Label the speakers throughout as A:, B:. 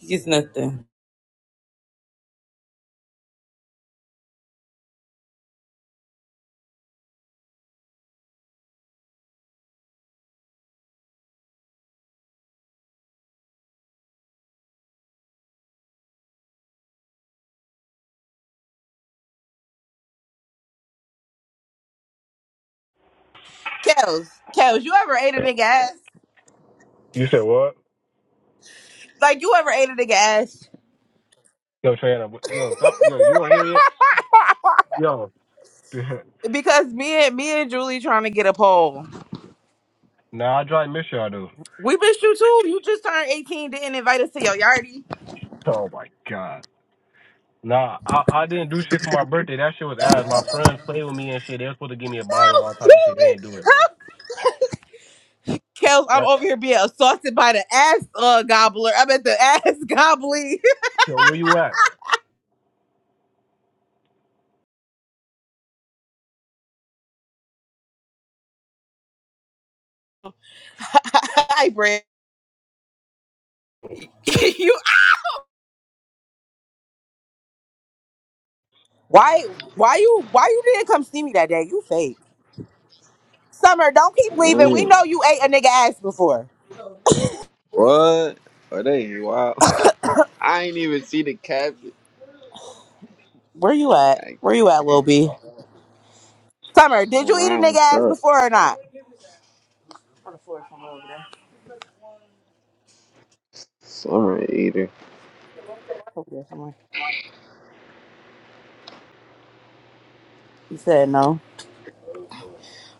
A: It's nothing. Kels, Kels, you ever ate a nigga ass?
B: You said what?
A: Like you ever ate a nigga ass?
B: Yo, Trina, yo, stop. Yo, you want to hear it? Yo.
A: Because me and me and Julie trying to get a poll.
B: nah, I try to miss y'all, dude.
A: We missed you too. You just turned 18, didn't invite us to your yardie.
B: Oh, my God. Nah, I, I didn't do shit for my birthday. That shit was ass. My friends played with me and shit. They were supposed to give me a bottle and all types of shit. They didn't do it.
A: Kels, I'm
B: Like,
A: over here being assaulted by the ass uh, gobbler. I'm at the ass gobbly.
B: yo, where you at?
A: Hi, Brent. you why why you why you didn't come see me that day? You fake. Summer, don't keep leaving. We
C: Wait,
A: know you ate a nigga ass before.
C: what? Are they wild? I ain't even see the caption.
A: Where you at?
C: I-
A: Where you at, Lil
C: mm,
A: B? Summer,
C: I'm
A: did you eat a nigga
C: around. What's
A: ass
C: up?
A: before or not?
C: Sorry, eater.
A: Over there You said no.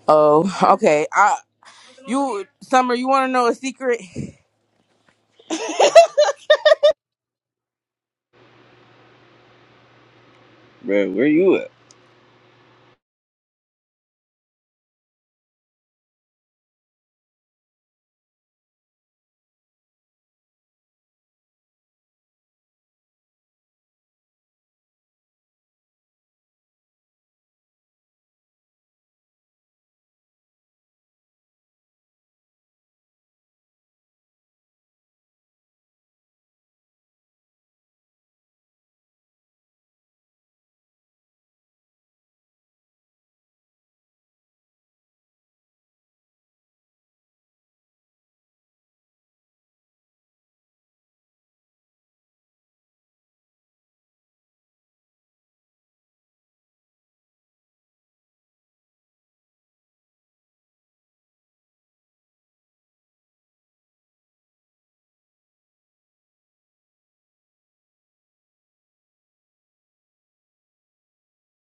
A: Oh, okay. I you Summer, you wanna know a secret?
C: Bro, where you at?